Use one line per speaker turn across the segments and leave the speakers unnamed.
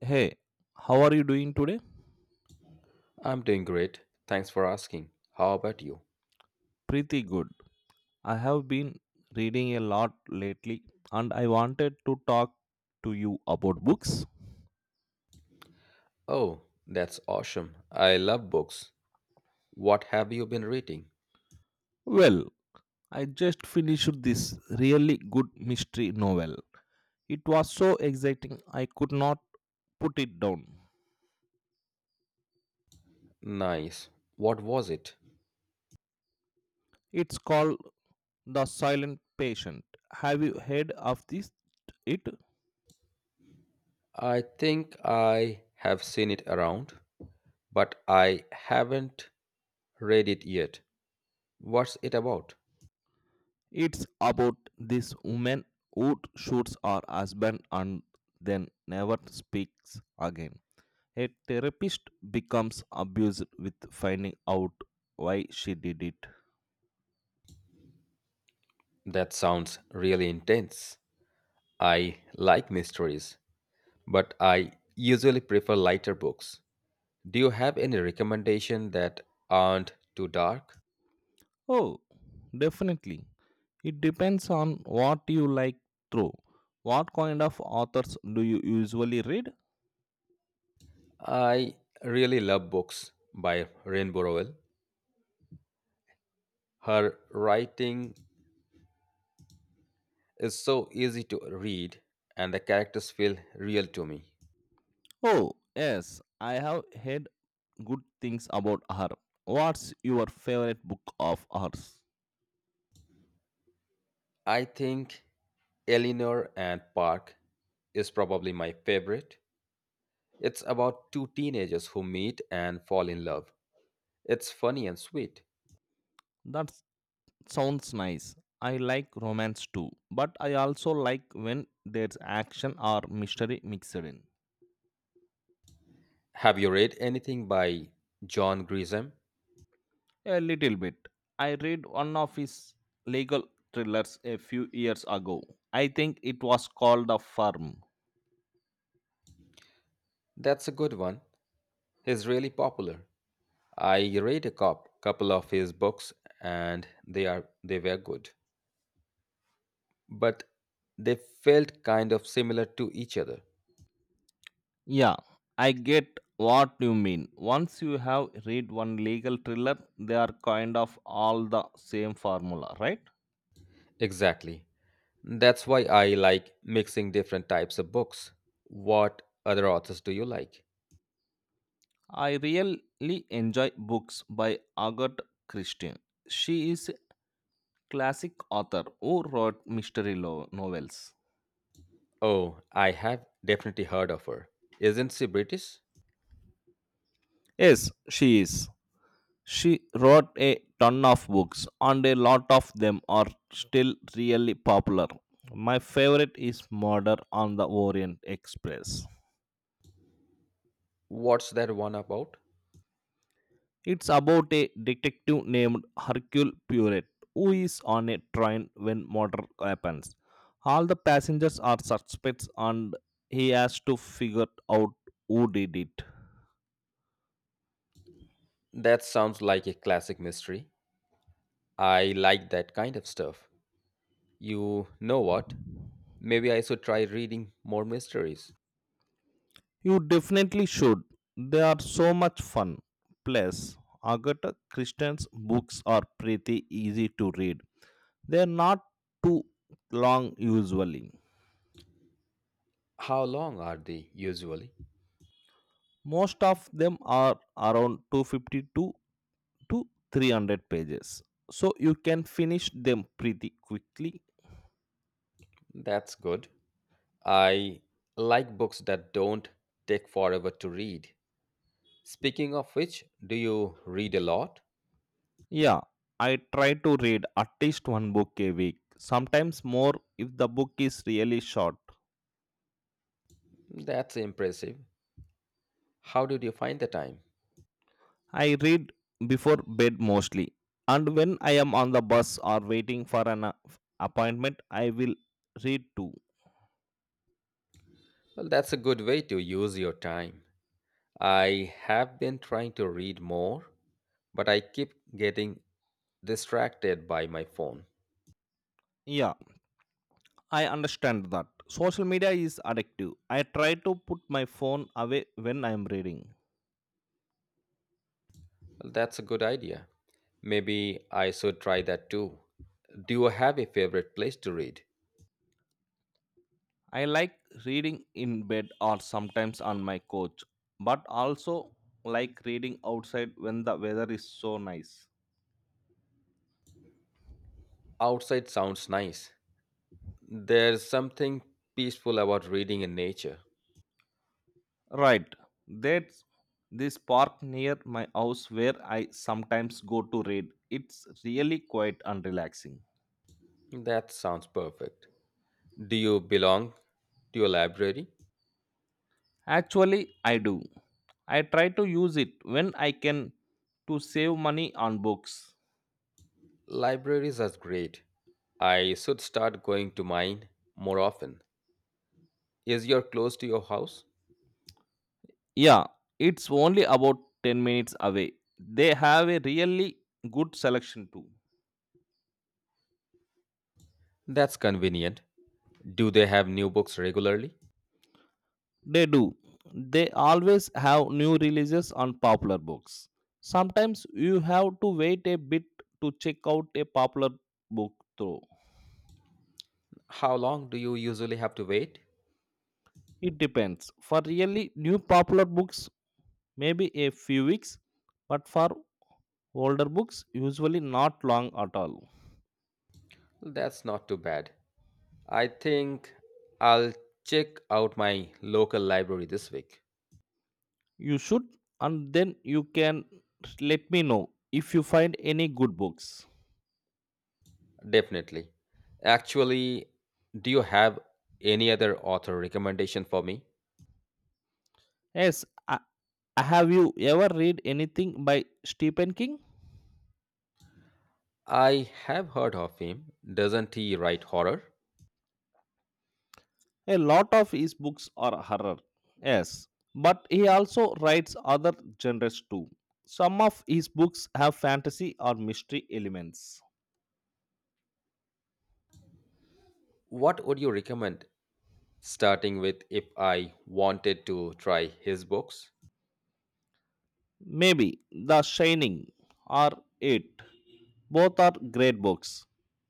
Hey, how are you doing today?
I'm doing great. Thanks for asking. How about you?
Pretty good. I have been reading a lot lately and I wanted to talk to you about books.
Oh, that's awesome. I love books. What have you been reading?
Well, I just finished this really good mystery novel. It was so exciting I could not put it down.
Nice. What was it?
It's called The Silent Patient. Have you heard of this? It?
I think I have seen it around, but I haven't read it yet. What's it about?
It's about this woman who shoots her husband and then never speaks again. A therapist becomes abused with finding out why she did it.
That sounds really intense. I like mysteries, but I usually prefer lighter books. Do you have any recommendation that aren't too dark?
Oh, definitely. It depends on what you like through. What kind of authors do you usually read?
I really love books by Rain Burwell. Her writing is so easy to read and the characters feel real to me.
Oh, yes, I have heard good things about her. What's your favorite book of hers?
I think Eleanor and Park is probably my favorite. It's about two teenagers who meet and fall in love. It's funny and sweet.
That's Sounds nice. I like romance too, but I also like when there's action or mystery mixed in.
Have you read anything by John Grisham?
A little bit. I read one of his legal thrillers a few years ago. I think it was called The Firm.
That's a good one. He's really popular. I read a couple of his books, and they were good, but they felt kind of similar to each other.
Yeah, I get what you mean. Once you have read one legal thriller, they are kind of all the same formula, right?
Exactly. That's why I like mixing different types of books. What other authors do you like?
I really enjoy books by Agatha Christie. She is classic author who wrote mystery novels.
Oh, I have definitely heard of her. Isn't she British?
Yes, she is. She wrote a ton of books, and a lot of them are still really popular. My favorite is Murder on the Orient Express.
What's that one about?
It's about a detective named Hercule Poirot who is on a train when murder happens. All the passengers are suspects, and he has to figure out who did it.
That sounds like a classic mystery. I like that kind of stuff. You know what? Maybe I should try reading more mysteries.
You definitely should. They are so much fun. Plus, Agatha Christie's books are pretty easy to read. They are not too long usually.
How long are they usually?
Most of them are around 252 to 300 pages. So you can finish them pretty quickly.
That's good. I like books that don't take forever to read. Speaking of which, do you read a lot?
Yeah, I try to read at least one book a week, sometimes more if the book is really short.
That's impressive. How did you find the time?
I read before bed mostly, and when I am on the bus or waiting for an appointment, I will read too.
Well, that's a good way to use your time. I have been trying to read more, but I keep getting distracted by my phone.
Yeah, I understand that. Social media is addictive. I try to put my phone away when I am reading.
Well, that's a good idea. Maybe I should try that too. Do you have a favorite place to read?
I like reading in bed or sometimes on my couch, but also like reading outside when the weather is so nice.
Outside sounds nice. There's something peaceful about reading in nature.
Right. That's this park near my house where I sometimes go to read. It's really quite and relaxing.
That sounds perfect. Do you belong to a library?
Actually, I do. I try to use it when I can to save money on books.
Libraries are great. I should start going to mine more often. Is your close to your house?
Yeah, it's only about 10 minutes away. They have a really good selection too.
That's convenient. Do they have new books regularly?
They do. They always have new releases on popular books. Sometimes you have to wait a bit to check out a popular book though.
How long do you usually have to wait?
It depends. For really new popular books, maybe a few weeks, but for older books, usually not long at all.
That's not too bad. I think I'll check out my local library this week.
You should, and then you can let me know if you find any good books.
Definitely. Actually, do you have any other author recommendation for me?
Yes, I, have you ever read anything by Stephen King?
I have heard of him. Doesn't he write horror?
A lot of his books are horror, yes, but he also writes other genres too. Some of his books have fantasy or mystery elements.
What would you recommend starting with if I wanted to try his books?
Maybe The Shining or It. Both are great books.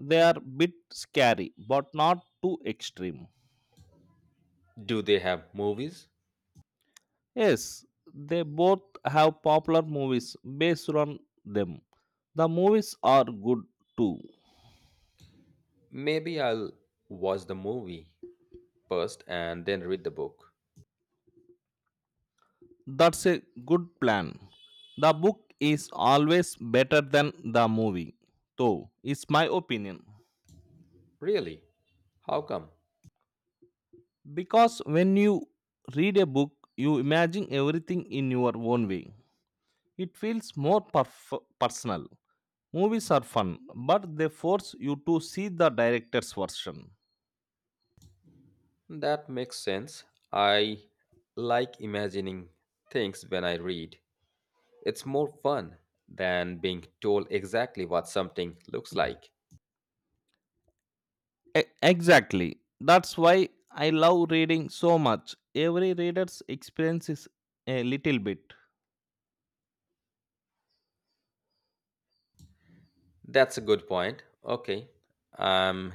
They are bit scary, but not too extreme.
Do they have movies?
Yes, they both have popular movies based on them. The movies are good too.
Maybe I'll watch the movie first and then read the book.
That's a good plan. The book is always better than the movie, though, it's my opinion.
Really? How come?
Because when you read a book, you imagine everything in your own way. It feels more personal. Movies are fun, but they force you to see the director's version.
That makes sense. I like imagining things when I read. It's more fun than being told exactly what something looks like.
Exactly. That's why I love reading so much. Every reader's experience is a little bit.
That's a good point. Okay. I'm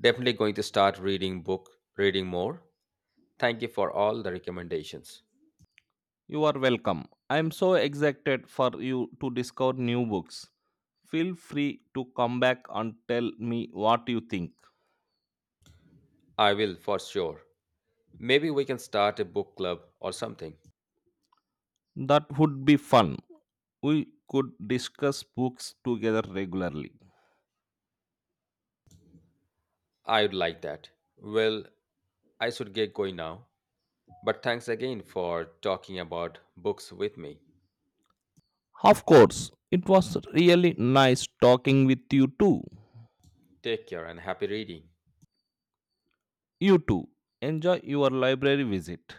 definitely going to start reading more. Thank you for all the recommendations.
You are welcome. I am so excited for you to discover new books. Feel free to come back and tell me what you think.
I will for sure. Maybe we can start a book club or something.
That would be fun. We could discuss books together regularly.
I would like that. Well, I should get going now. But thanks again for talking about books with me.
Of course, it was really nice talking with you too.
Take care and happy reading.
You too. Enjoy your library visit.